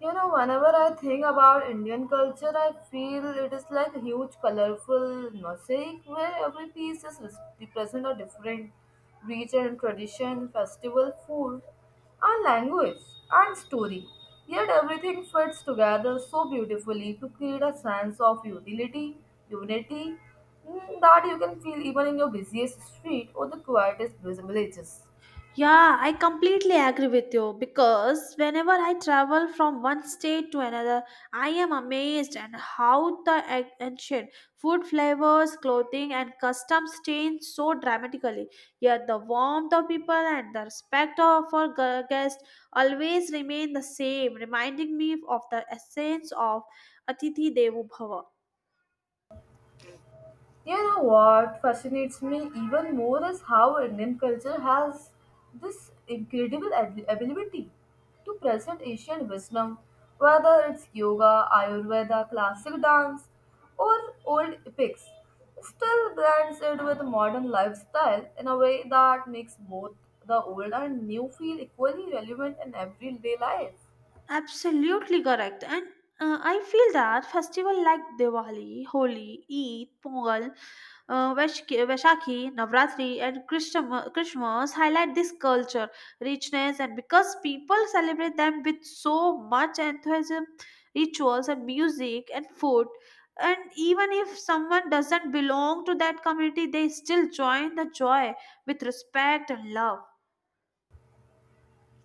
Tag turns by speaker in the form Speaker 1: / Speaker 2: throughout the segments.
Speaker 1: You know, whenever I think about Indian culture, I feel it is like a huge, colorful mosaic where every piece is represent a different region, tradition, festival, food, and language and story. Yet everything fits together so beautifully to create a sense of utility, unity that you can feel even in your busiest street or the quietest villages.
Speaker 2: Yeah, I completely agree with you because whenever I travel from one state to another, I am amazed at how the ancient food flavors, clothing, and customs change so dramatically. Yet the warmth of people and the respect of our guests always remain the same, reminding me of the essence of Atithi Devo Bhava.
Speaker 1: You know what fascinates me even more is how Indian culture has this incredible ability to present Asian wisdom, whether it's yoga, Ayurveda, classic dance, or old epics. Still blends it with modern lifestyle in a way that makes both the old and new feel equally relevant in everyday life.
Speaker 2: Absolutely correct. And I feel that festival like Diwali, Holi, Eid, Pongal, Vaishakhi, Navratri, and Christmas highlight this culture richness, and because people celebrate them with so much enthusiasm, rituals, and music and food. And even if someone doesn't belong to that community, they still join the joy with respect and love.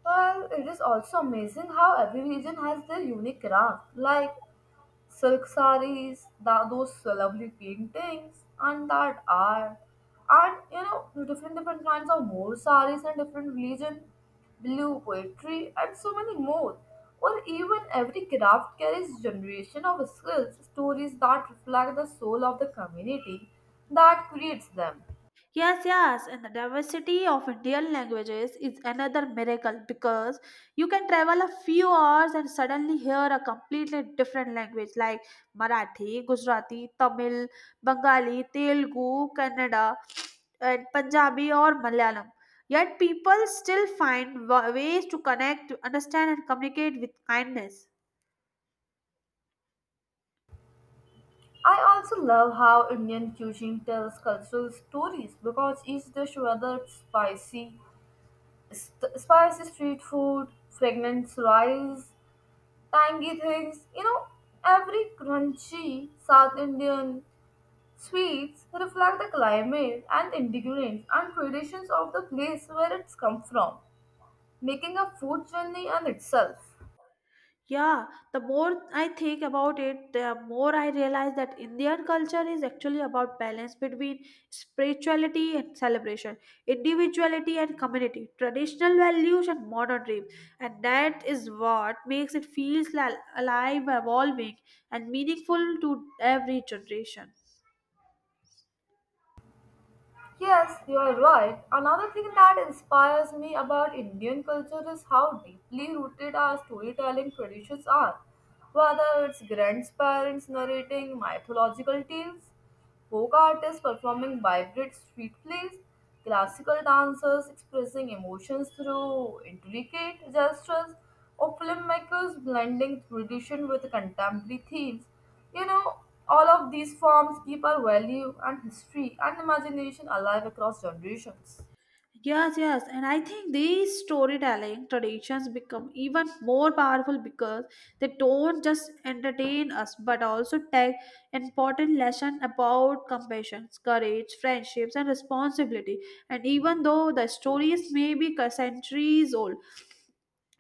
Speaker 1: Well, it is also amazing how every region has their unique craft, like silk sarees, those lovely paintings, and that art. And you know, different kinds of more sarees and different religion, blue poetry, and so many more. Or even every craft carries generation of skills, stories that reflect the soul of the community that creates them.
Speaker 2: Yes, yes, and the diversity of Indian languages is another miracle because you can travel a few hours and suddenly hear a completely different language like Marathi, Gujarati, Tamil, Bengali, Telugu, Kannada, and Punjabi or Malayalam. Yet people still find ways to connect, to understand, and communicate with kindness.
Speaker 1: I also love how Indian cuisine tells cultural stories because each dish, whether it's spicy street food, fragrant rice, tangy things. You know, every crunchy South Indian sweets reflect the climate and ingredients and traditions of the place where it's come from, making a food journey in itself.
Speaker 2: Yeah, the more I think about it, the more I realize that Indian culture is actually about balance between spirituality and celebration, individuality and community, traditional values and modern dreams. And that is what makes it feel alive, evolving, and meaningful to every generation.
Speaker 1: Yes, you are right. Another thing that inspires me about Indian culture is how deeply rooted our storytelling traditions are. Whether it's grandparents narrating mythological tales, folk artists performing vibrant street plays, classical dancers expressing emotions through intricate gestures, or filmmakers blending tradition with contemporary themes. You know, all of these forms keep our value and history and imagination alive across generations.
Speaker 2: Yes, yes, and I think these storytelling traditions become even more powerful because they don't just entertain us but also take important lesson about compassion, courage, friendships, and responsibility. And even though the stories may be centuries old,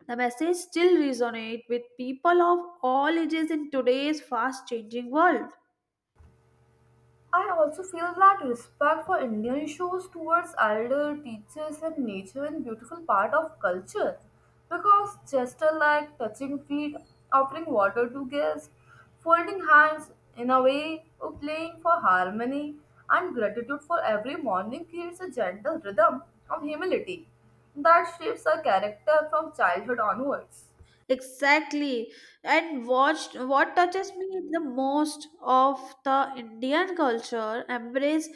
Speaker 2: the message still resonates with people of all ages in today's fast-changing world.
Speaker 1: I also feel that respect for Indian shows towards elder teachers and nature and beautiful part of culture. Because gesture like touching feet, offering water to guests, folding hands in a way, or playing for harmony and gratitude for every morning creates a gentle rhythm of humility that shapes our character from childhood onwards.
Speaker 2: Exactly. And watched what touches me the most of the Indian culture embrace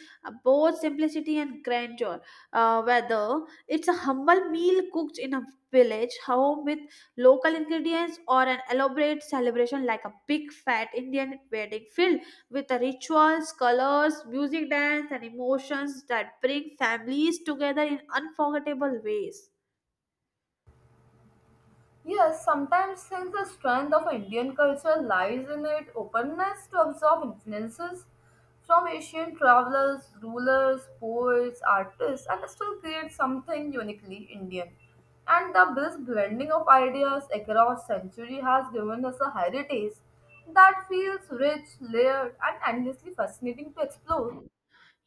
Speaker 2: both simplicity and grandeur. Whether it's a humble meal cooked in a village home with local ingredients or an elaborate celebration like a big fat Indian wedding filled with the rituals, colors, music, dance, and emotions that bring families together in unforgettable ways.
Speaker 1: Yes, sometimes since the strength of Indian culture lies in its openness to absorb influences from Asian travelers, rulers, poets, artists, and still create something uniquely Indian. And the this blending of ideas across century has given us a heritage that feels rich, layered, and endlessly fascinating to explore.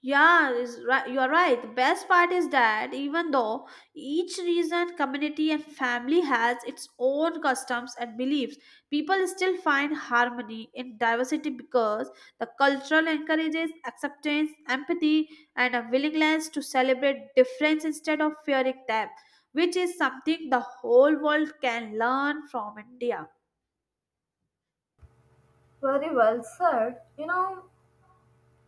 Speaker 2: Yeah, is right. You are right. The best part is that even though each region, community, and family has its own customs and beliefs, people still find harmony in diversity because the cultural encourages acceptance, empathy, and a willingness to celebrate difference instead of fearing them, which is something the whole world can learn from India.
Speaker 1: Very well said. You know,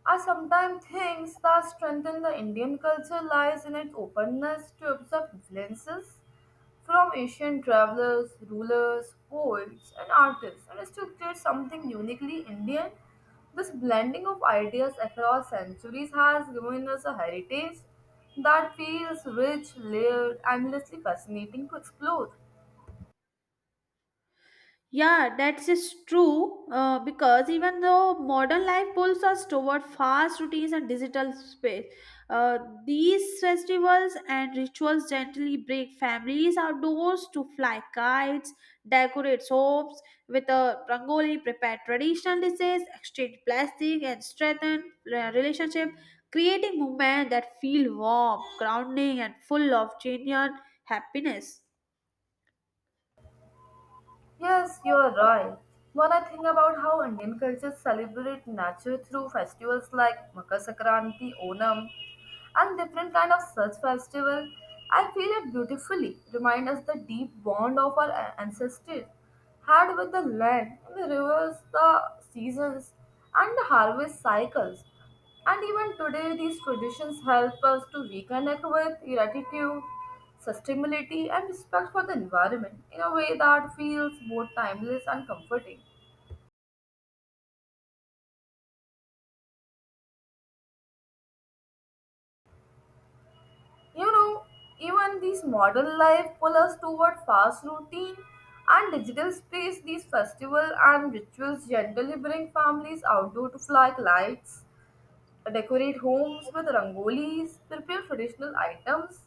Speaker 1: I sometimes think the strength in the Indian culture lies in its openness to absorb influences from Asian travelers, rulers, poets, and artists, and is to create something uniquely Indian. This blending of ideas across centuries has given us a heritage that feels rich, layered, endlessly fascinating to explore.
Speaker 2: Yeah, that's is true because even though modern life pulls us toward fast routines and digital space, uh, these festivals and rituals gently break families outdoors to fly kites, decorate homes with a rangoli, prepare traditional dishes, exchange plastic, and strengthen relationship, creating moments that feel warm, grounding, and full of genuine happiness.
Speaker 1: Yes, you are right. When I think about how Indian cultures celebrate nature through festivals like Makar Sankranti, Onam, and different kind of such festival, I feel it beautifully remind us the deep bond of our ancestors had with the land, the rivers, the seasons, and the harvest cycles. And even today, these traditions help us to reconnect with gratitude, sustainability, and respect for the environment in a way that feels both timeless and comforting. You know, even these modern life pull us toward fast routine and digital space. These festival and rituals generally bring families outdoor to flag lights decorate homes with rangolis, prepare traditional items,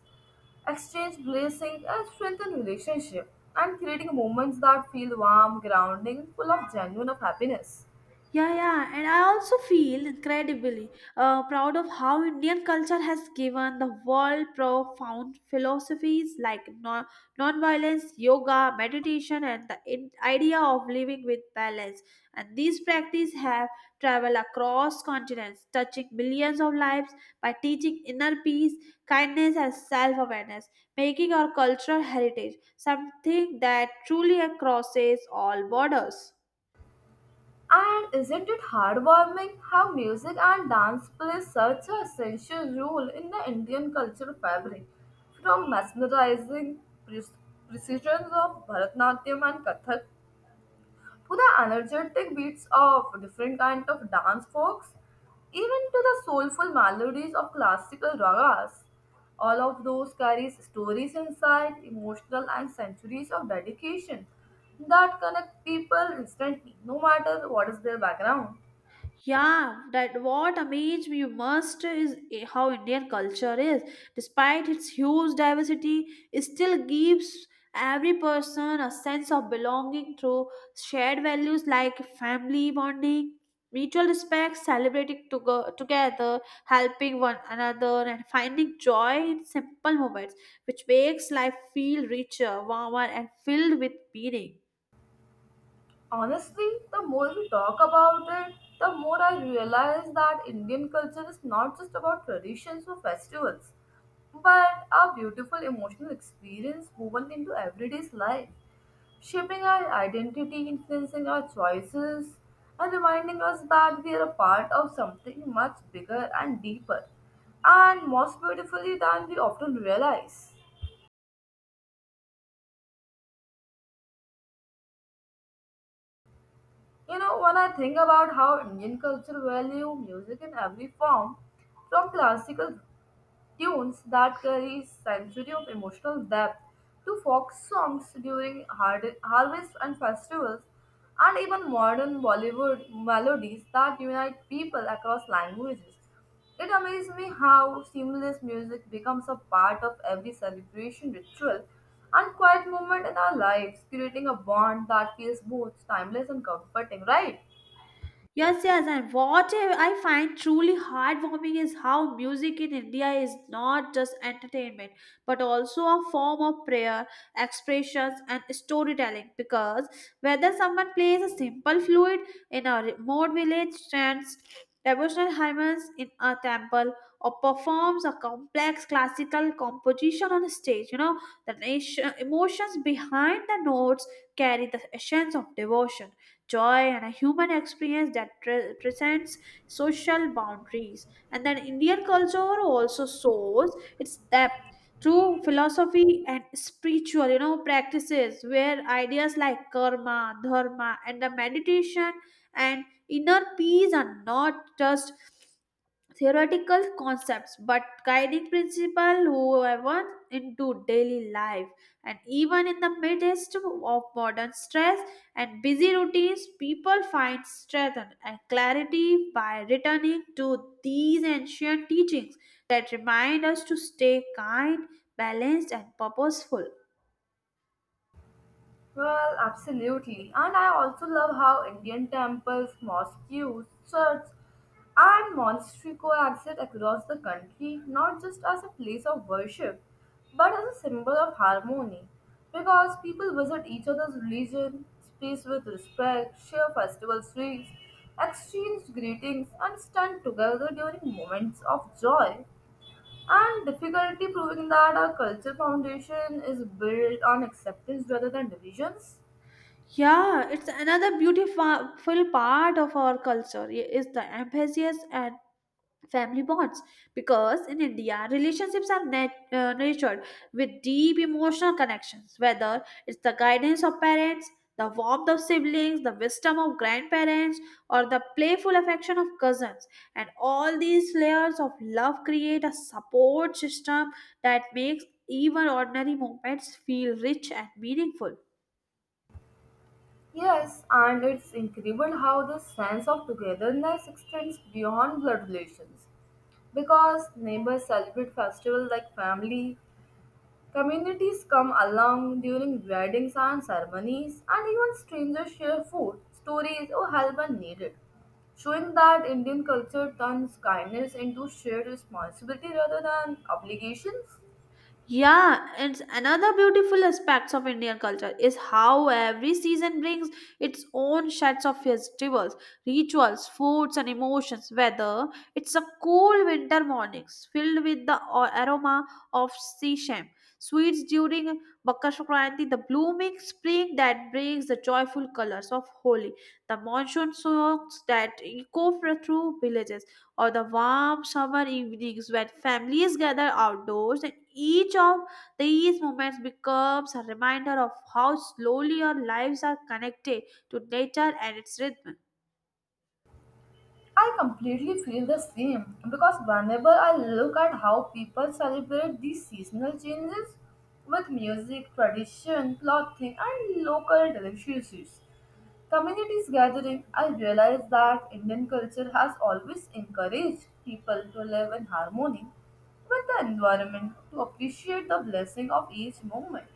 Speaker 1: exchange blessings, and strengthen relationship, and creating moments that feel warm, grounding, full of genuine of happiness.
Speaker 2: Yeah, yeah, and I also feel incredibly proud of how Indian culture has given the world profound philosophies like nonviolence, yoga, meditation, and the idea of living with balance. And these practices have traveled across continents, touching millions of lives by teaching inner peace, kindness, and self-awareness, making our cultural heritage something that truly crosses all borders.
Speaker 1: And isn't it heartwarming how music and dance play such a essential role in the Indian cultural fabric, from mesmerizing pre- precisions of Bharatanatyam and Kathak to the energetic beats of different kind of dance folks, even to the soulful melodies of classical ragas. All of those carries stories inside, emotional and centuries of dedication that connect people instantly, no matter what is their background.
Speaker 2: Yeah, that what amazed me most is how Indian culture is, despite its huge diversity, it still gives every person a sense of belonging through shared values like family bonding, mutual respect, celebrating together, helping one another, and finding joy in simple moments, which makes life feel richer, warmer, and filled with meaning.
Speaker 1: Honestly, the more we talk about it, the more I realize that Indian culture is not just about traditions or festivals, but a beautiful emotional experience woven into everyday's life, shaping our identity, influencing our choices, and reminding us that we are a part of something much bigger and deeper, and most beautifully than we often realize. You know, when I think about how Indian culture value music in every form, from classical tunes that carry century of emotional depth to folk songs during harvest and festivals and even modern bollywood melodies that unite people across languages it amazes me how seamless music becomes a part of every celebration ritual and quiet moment in our lives creating a bond that feels both timeless and comforting right.
Speaker 2: Yes, yes, and what I find truly heartwarming is how music in India is not just entertainment but also a form of prayer, expressions, and storytelling. Because whether someone plays a simple flute in a remote village, chants devotional hymns in a temple, or performs a complex classical composition on a stage, you know, the nation, emotions behind the notes carry the essence of devotion joy, and a human experience that transcends social boundaries. And then Indian culture also shows its depth through philosophy and spiritual, you know, practices where ideas like karma, dharma, and the meditation and inner peace are not just theoretical concepts but guiding principle whoever into daily life and even in the midst of modern stress and busy routines people find strength and clarity by returning to these ancient teachings that remind us to stay kind balanced and purposeful.
Speaker 1: Well, absolutely. And I also love how Indian temples, mosques, churches, and monastery coexist across the country, not just as a place of worship, but as a symbol of harmony. Because people visit each other's religion, space with respect, share festival sweets, exchange greetings, and stand together during moments of joy and difficulty, proving that our culture foundation is built on acceptance rather than divisions.
Speaker 2: Yeah, it's another beautiful part of our culture is the emphasis and family bonds because in india relationships are nurtured with deep emotional connections whether it's the guidance of parents the warmth of siblings the wisdom of grandparents or the playful affection of cousins and all these layers of love create a support system that makes even ordinary moments feel rich and meaningful.
Speaker 1: Yes, and it's incredible how this sense of togetherness extends beyond blood relations. Because neighbors celebrate festivals like family, communities come along during weddings and ceremonies, and even strangers share food, stories, or help when needed, showing that Indian culture turns kindness into shared responsibility rather than obligations.
Speaker 2: Yeah, it's another beautiful aspects of Indian culture is how every season brings its own sets of festivals, rituals, foods, and emotions. Whether it's a cool winter mornings filled with the aroma of sesame, sweets during Makar Sankranti, the blooming spring that brings the joyful colors of Holi, the monsoon songs that echo through villages or the warm summer evenings when families gather outdoors and each of these moments becomes a reminder of how slowly our lives are connected to nature and its rhythm.
Speaker 1: I completely feel the same because whenever I look at how people celebrate these seasonal changes with music, tradition, clothing, and local delicacies, communities gathering, I realize that Indian culture has always encouraged people to live in harmony with the environment, to appreciate the blessing of each moment,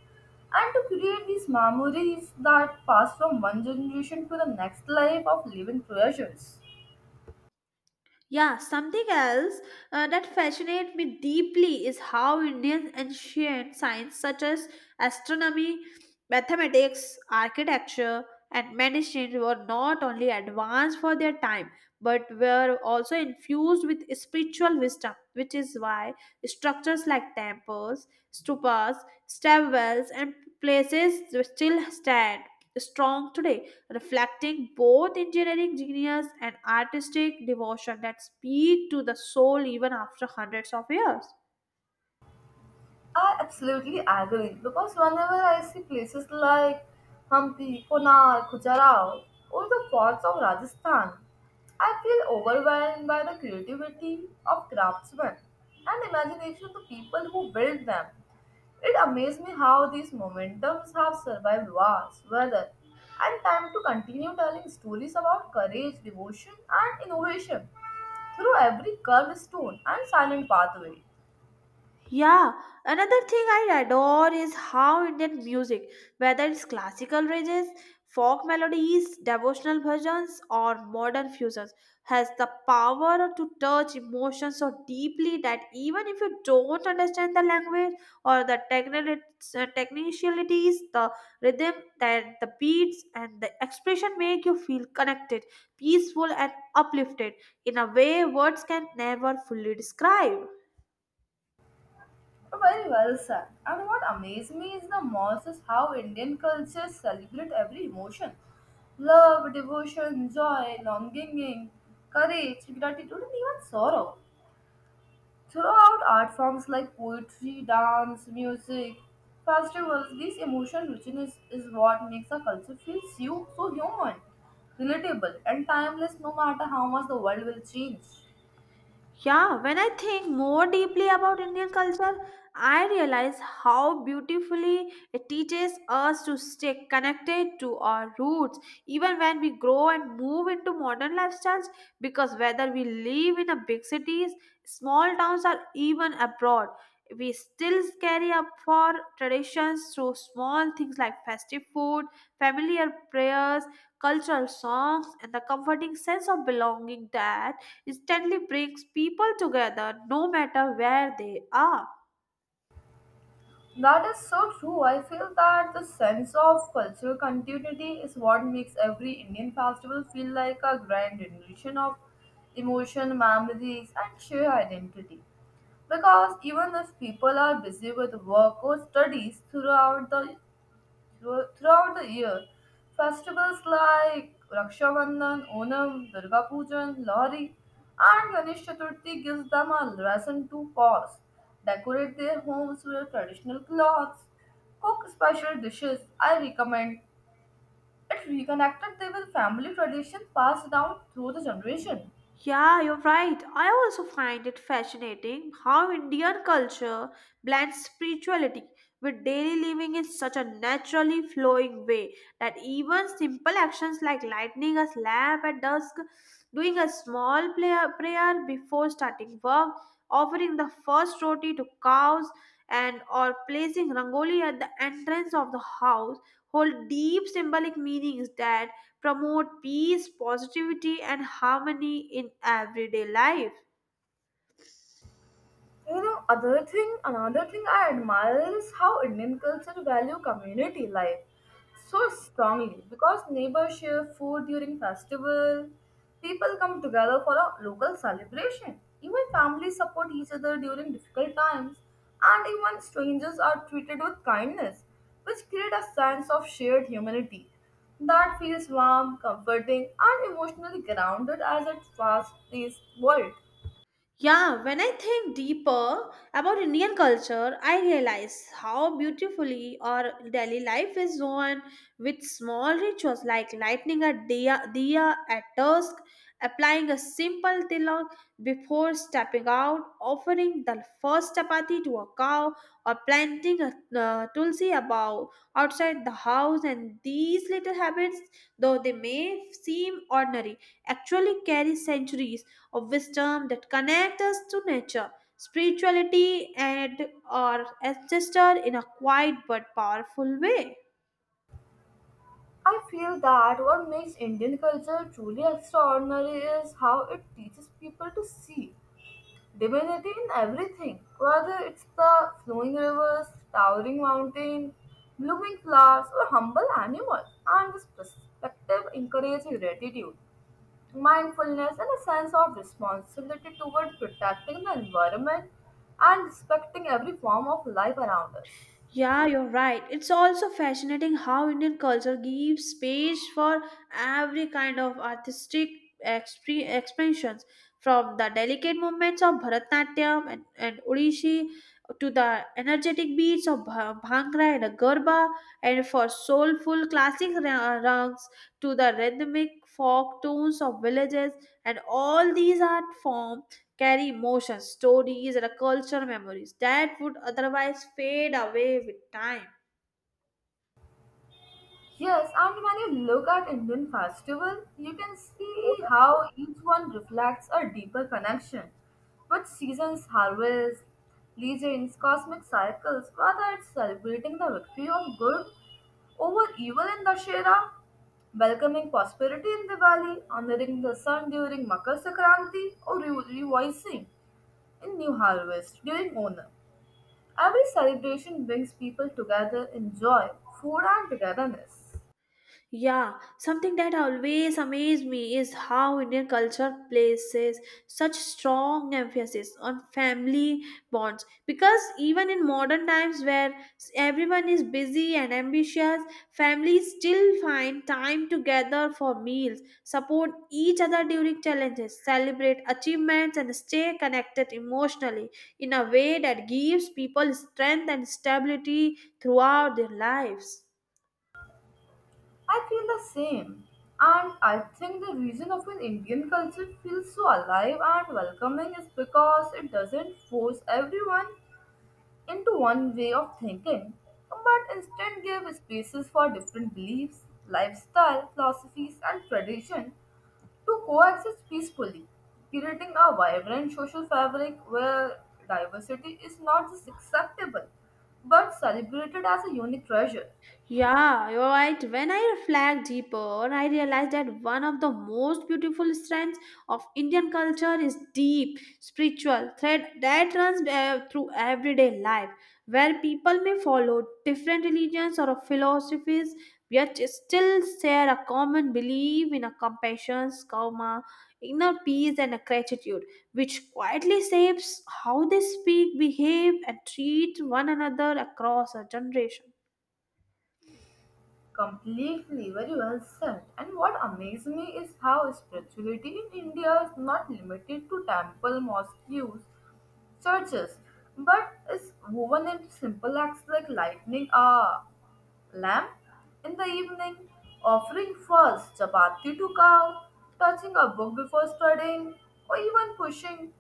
Speaker 1: and to create these memories that pass from one generation to the next life of living treasures.
Speaker 2: Yeah, something else that fascinates me deeply is how indian ancient science such as astronomy, mathematics, architecture, and medicine were not only advanced for their time but were also infused with spiritual wisdom, which is why structures like temples, stupas, stairwells, and places still stand strong today, reflecting both engineering genius and artistic devotion that speak to the soul even after hundreds of years.
Speaker 1: I absolutely agree because whenever I see places like Hampi, Konark, Khajuraho, or the forts of Rajasthan, I feel overwhelmed by the creativity of craftsmen and imagination of the people who built them. It amazes me how these momentums have survived wars, weather, and time to continue telling stories about courage, devotion, and innovation through every curved stone and silent pathway.
Speaker 2: Yeah, another thing I adore is how Indian music, whether it's classical rages, folk melodies, devotional bhajans, or modern fusions, has the power to touch emotions so deeply that even if you don't understand the language or the technicalities, the rhythm, that the beats, and the expression make you feel connected, peaceful, and uplifted in a way words can never fully describe.
Speaker 1: Very well said. And what amazes me is the most is how Indian cultures celebrate every emotion. Love, devotion, joy, longing, courage, gratitude, and even sorrow. Throughout art forms like poetry, dance, music, festivals, this emotion richness is what makes a culture feel so human, relatable, and timeless no matter how much the world will change.
Speaker 2: Yeah, when I think more deeply about Indian culture, I realize how beautifully it teaches us to stay connected to our roots, even when we grow and move into modern lifestyles. Because whether we live in a big cities, small towns, or even abroad, we still carry up for traditions through small things like festive food, familiar prayers, cultural songs, and the comforting sense of belonging that instantly brings people together no matter where they are.
Speaker 1: That is so true. I feel that the sense of cultural continuity is what makes every Indian festival feel like a grand rendition of emotion, memories, and shared identity. Because even if people are busy with work or studies throughout throughout the year. Festivals like Raksha Bandhan, Onam, Durga Pujan, Lohri, and Ganesh Chaturthi gives them a reason to pause, decorate their homes with traditional clothes, cook special dishes. I recommend it reconnected them with family traditions passed down through the generation.
Speaker 2: Yeah, you're right. I also find it fascinating how Indian culture blends spirituality with daily living in such a naturally flowing way that even simple actions like lighting a lamp at dusk, doing a small prayer before starting work, offering the first roti to cows, and or placing rangoli at the entrance of the house hold deep symbolic meanings that promote peace, positivity, and harmony in everyday life.
Speaker 1: You know, another thing I admire is how Indian culture value community life so strongly because neighbors share food during festival, people come together for a local celebration, even families support each other during difficult times, and even strangers are treated with kindness, which create a sense of shared humanity that feels warm, comforting, and emotionally grounded as a fast-paced world.
Speaker 2: Yeah, when I think deeper about Indian culture, I realize how beautifully our daily life is woven with small rituals like lighting a diya at dusk, applying a simple tilak before stepping out, offering the first chapati to a cow, or planting a tulsi above outside the house. And these little habits, though they may seem ordinary, actually carry centuries of wisdom that connect us to nature, spirituality, and our ancestor in a quiet but powerful way.
Speaker 1: I feel that what makes Indian culture truly extraordinary is how it teaches people to see divinity in everything, whether it's the flowing rivers, towering mountain, blooming flowers, or humble animals. And this perspective encourages gratitude, mindfulness, and a sense of responsibility toward protecting the environment and respecting every form of life around us.
Speaker 2: Yeah, you're right. It's also fascinating how Indian culture gives space for every kind of artistic expressions, from the delicate movements of Bharatnatyam and Odishi to the energetic beats of Bhangra and Garba, and for soulful classic rangs to the rhythmic folk tunes of villages, and all these art forms carry emotions, stories, and cultural memories that would otherwise fade away with time.
Speaker 1: Yes, and when you look at Indian festival, you can see how each one reflects a deeper connection with seasons, harvests, legends, cosmic cycles, whether it's celebrating the victory of good over evil in Dashera, welcoming prosperity in Diwali, honoring the sun during Makar Sankranti, or rejoicing in new harvest during Onam. Every celebration brings people together in joy, food, and togetherness.
Speaker 2: Yeah, something that always amazed me is how Indian culture places such strong emphasis on family bonds. Because even in modern times where everyone is busy and ambitious, families still find time together for meals, support each other during challenges, celebrate achievements, and stay connected emotionally in a way that gives people strength and stability throughout their lives.
Speaker 1: I feel the same. And I think the reason of an Indian culture feels so alive and welcoming is because it doesn't force everyone into one way of thinking, but instead give spaces for different beliefs, lifestyle, philosophies, and tradition to coexist peacefully, creating a vibrant social fabric where diversity is not just acceptable but celebrated as a unique treasure.
Speaker 2: Yeah, you're right. When I reflect deeper, I realize that one of the most beautiful strands of Indian culture is deep spiritual thread that runs through everyday life, where people may follow different religions or philosophies, yet still share a common belief in a compassion, karma, inner peace, and a gratitude, which quietly shapes how they speak, behave, and treat one another across a generation.
Speaker 1: Completely, very well said. And what amazes me is how spirituality in India is not limited to temple, mosques, churches, but is woven into simple acts like lighting a lamp in the evening, offering first chapati to cow, touching a book before studying, or even pushing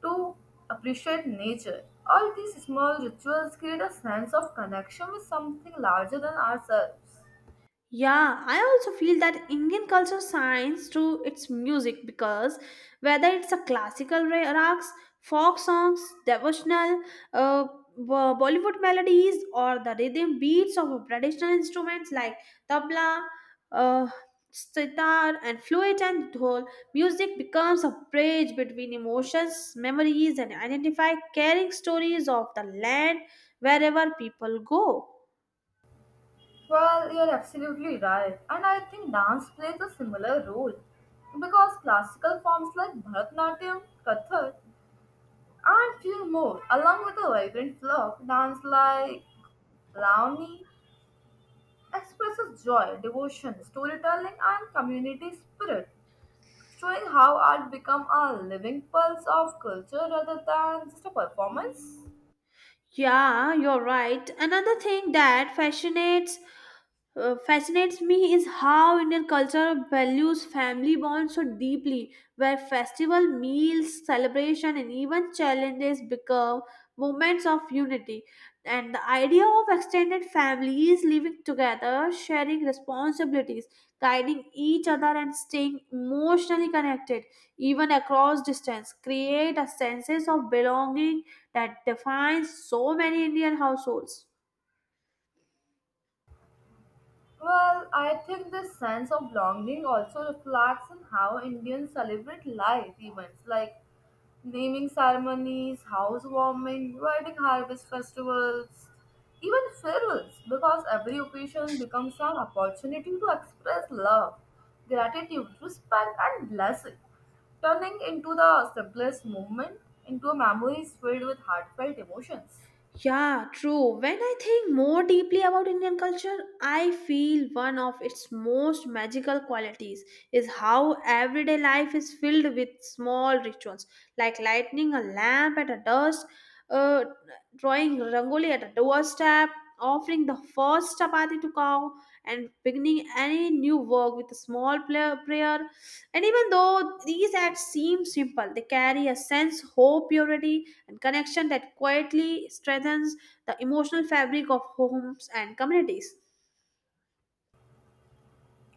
Speaker 1: to appreciate nature. All these small rituals create a sense of connection with something larger than ourselves.
Speaker 2: Yeah, I also feel that Indian culture shines through its music because whether it's a classical rags, folk songs, devotional, uh, Bollywood melodies, or the rhythm beats of traditional instruments like tabla, uh, sitar, and flute and dhol, music becomes a bridge between emotions, memories, and identify carrying stories of the land wherever people go.
Speaker 1: Well, you're absolutely right. And I think dance plays a similar role because classical forms like Bharatanatyam, Kathak, and few more, along with a vibrant flock dance like Launi, expresses joy, devotion, storytelling, and community spirit, showing how art become a living pulse of culture rather than just a performance.
Speaker 2: Yeah, you're right. Another thing that fascinates me is how Indian culture values family bonds so deeply, where festival, meals, celebration, and even challenges become moments of unity. And the idea of extended families living together, sharing responsibilities, guiding each other and staying emotionally connected even across distance create a sense of belonging that defines so many indian households.
Speaker 1: Well, I think this sense of belonging also reflects in how Indians celebrate life events like naming ceremonies, housewarming, wedding harvest festivals, even farewells, because every occasion becomes an opportunity to express love, gratitude, respect, and blessing, turning into the simplest moment into memories filled with heartfelt emotions.
Speaker 2: Yeah, true. When I think more deeply about Indian culture, I feel one of its most magical qualities is how everyday life is filled with small rituals like lighting a lamp at a dusk, uh, drawing rangoli at a doorstep, offering the first chapati to cow, and beginning any new work with a small prayer. And even though these acts seem simple, they carry a sense, hope, purity, and connection that quietly strengthens the emotional fabric of homes and communities.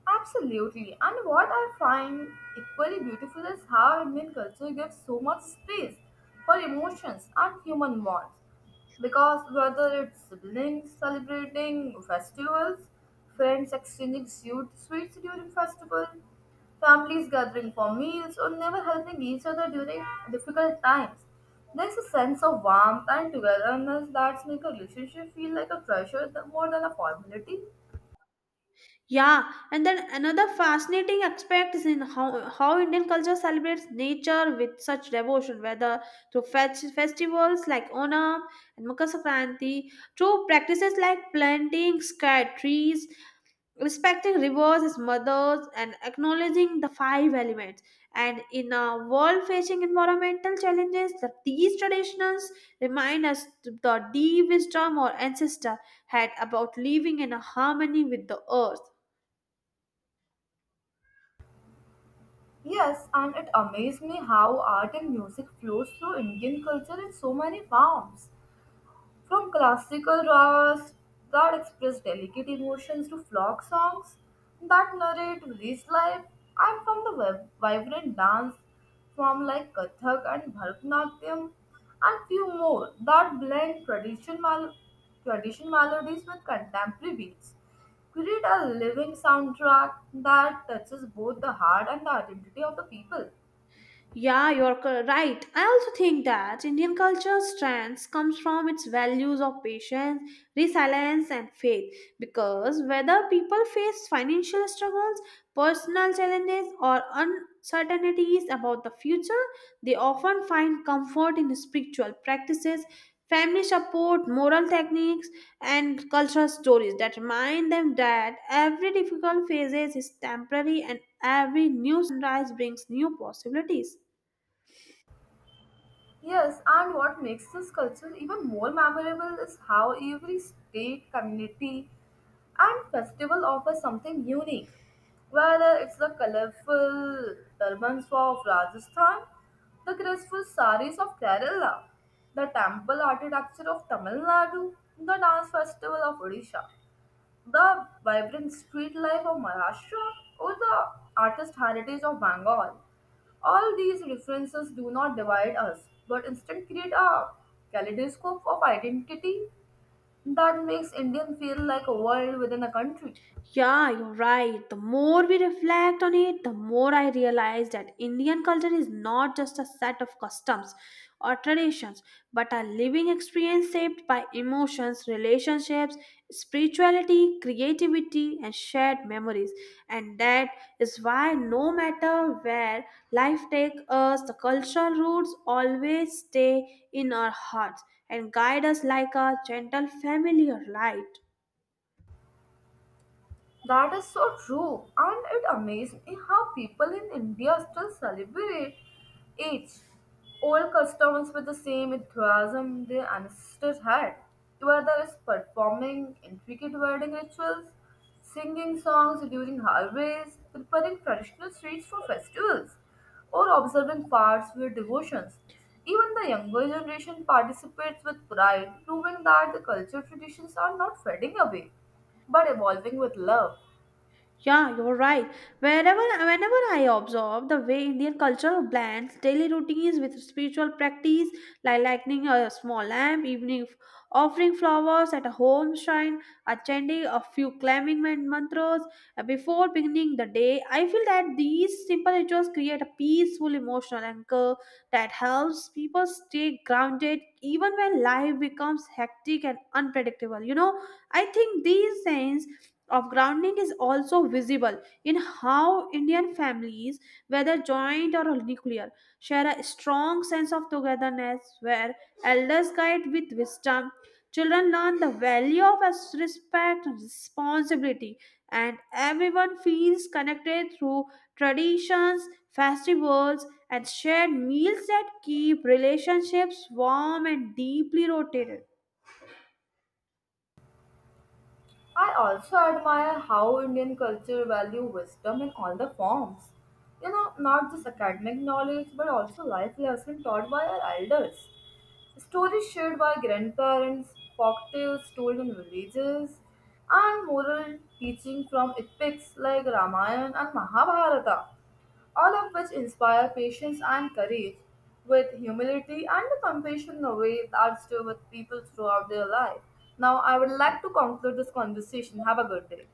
Speaker 1: Absolutely. And what I find equally beautiful is how Indian culture gives so much space for emotions and human wants. Because whether it's siblings celebrating festivals, friends exchanging sweets during festival, families gathering for meals, or never helping each other during difficult times, there's a sense of warmth and togetherness that makes a relationship feel like a treasure more than a formality.
Speaker 2: Yeah, and then another fascinating aspect is in how Indian culture celebrates nature with such devotion, whether through festivals like Onam and Makar Sankranti, through practices like planting sky trees respecting rivers as mothers and acknowledging the five elements and in a world facing environmental challenges these traditions remind us the deep wisdom our ancestors had about living in a harmony with the earth.
Speaker 1: Yes, and it amazed me how art and music flows through Indian culture in so many forms. From classical ragas that express delicate emotions to folk songs that narrate village life, and from the vibrant dance form like Kathak and Bharatanatyam, and few more that blend tradition melodies with contemporary beats, create a living soundtrack that touches both the heart and the identity of the people.
Speaker 2: Yeah, you're right. I also think that Indian culture's strength comes from its values of patience, resilience, and faith. Because whether people face financial struggles, personal challenges, or uncertainties about the future, they often find comfort in spiritual practices, family support, moral techniques, and cultural stories that remind them that every difficult phase is temporary and every new sunrise brings new possibilities.
Speaker 1: Yes, and what makes this culture even more memorable is how every state, community, and festival offers something unique. Whether it's the colorful turbans of Rajasthan, the graceful saris of Kerala, the temple architecture of Tamil Nadu, the dance festival of Odisha. The vibrant street life of Maharashtra or the artist heritage of Bengal. All these references do not divide us, but instead create a kaleidoscope of identity that makes Indian feel like a world within a country.
Speaker 2: Yeah, you're right. The more we reflect on it, the more I realize that Indian culture is not just a set of customs or traditions, but a living experience shaped by emotions, relationships, spirituality, creativity, and shared memories. And that is why, no matter where life takes us, the cultural roots always stay in our hearts and guide us like a gentle familiar light.
Speaker 1: That is so true, and it amazes me how people in India still celebrate age old customs with the same enthusiasm their ancestors had, whether it's performing intricate wedding rituals, singing songs during harvests, preparing traditional sweets for festivals, or observing fasts with devotions. Even the younger generation participates with pride, proving that the culture traditions are not fading away but evolving with love.
Speaker 2: Yeah, you're right. Wherever, whenever I observe the way Indian culture blends daily routines with spiritual practice, like lighting a small lamp, offering flowers at a home shrine, a chanting a few climbing mantras before beginning the day, I feel that these simple rituals create a peaceful emotional anchor that helps people stay grounded even when life becomes hectic and unpredictable. You know, I think these sense of grounding is also visible in how Indian families, whether joint or nuclear, share a strong sense of togetherness where elders guide with wisdom. Children learn the value of respect and responsibility, and everyone feels connected through traditions, festivals, and shared meals that keep relationships warm and deeply rotated.
Speaker 1: I also admire how Indian culture value wisdom in all the forms. You know, not just academic knowledge but also life lesson taught by our elders. Stories shared by grandparents, folktales told in villages, and moral teaching from epics like Ramayana and Mahabharata, all of which inspire patience and courage, with humility and compassion in a way that stay with people throughout their life. Now, I would like to conclude this conversation. Have a good day.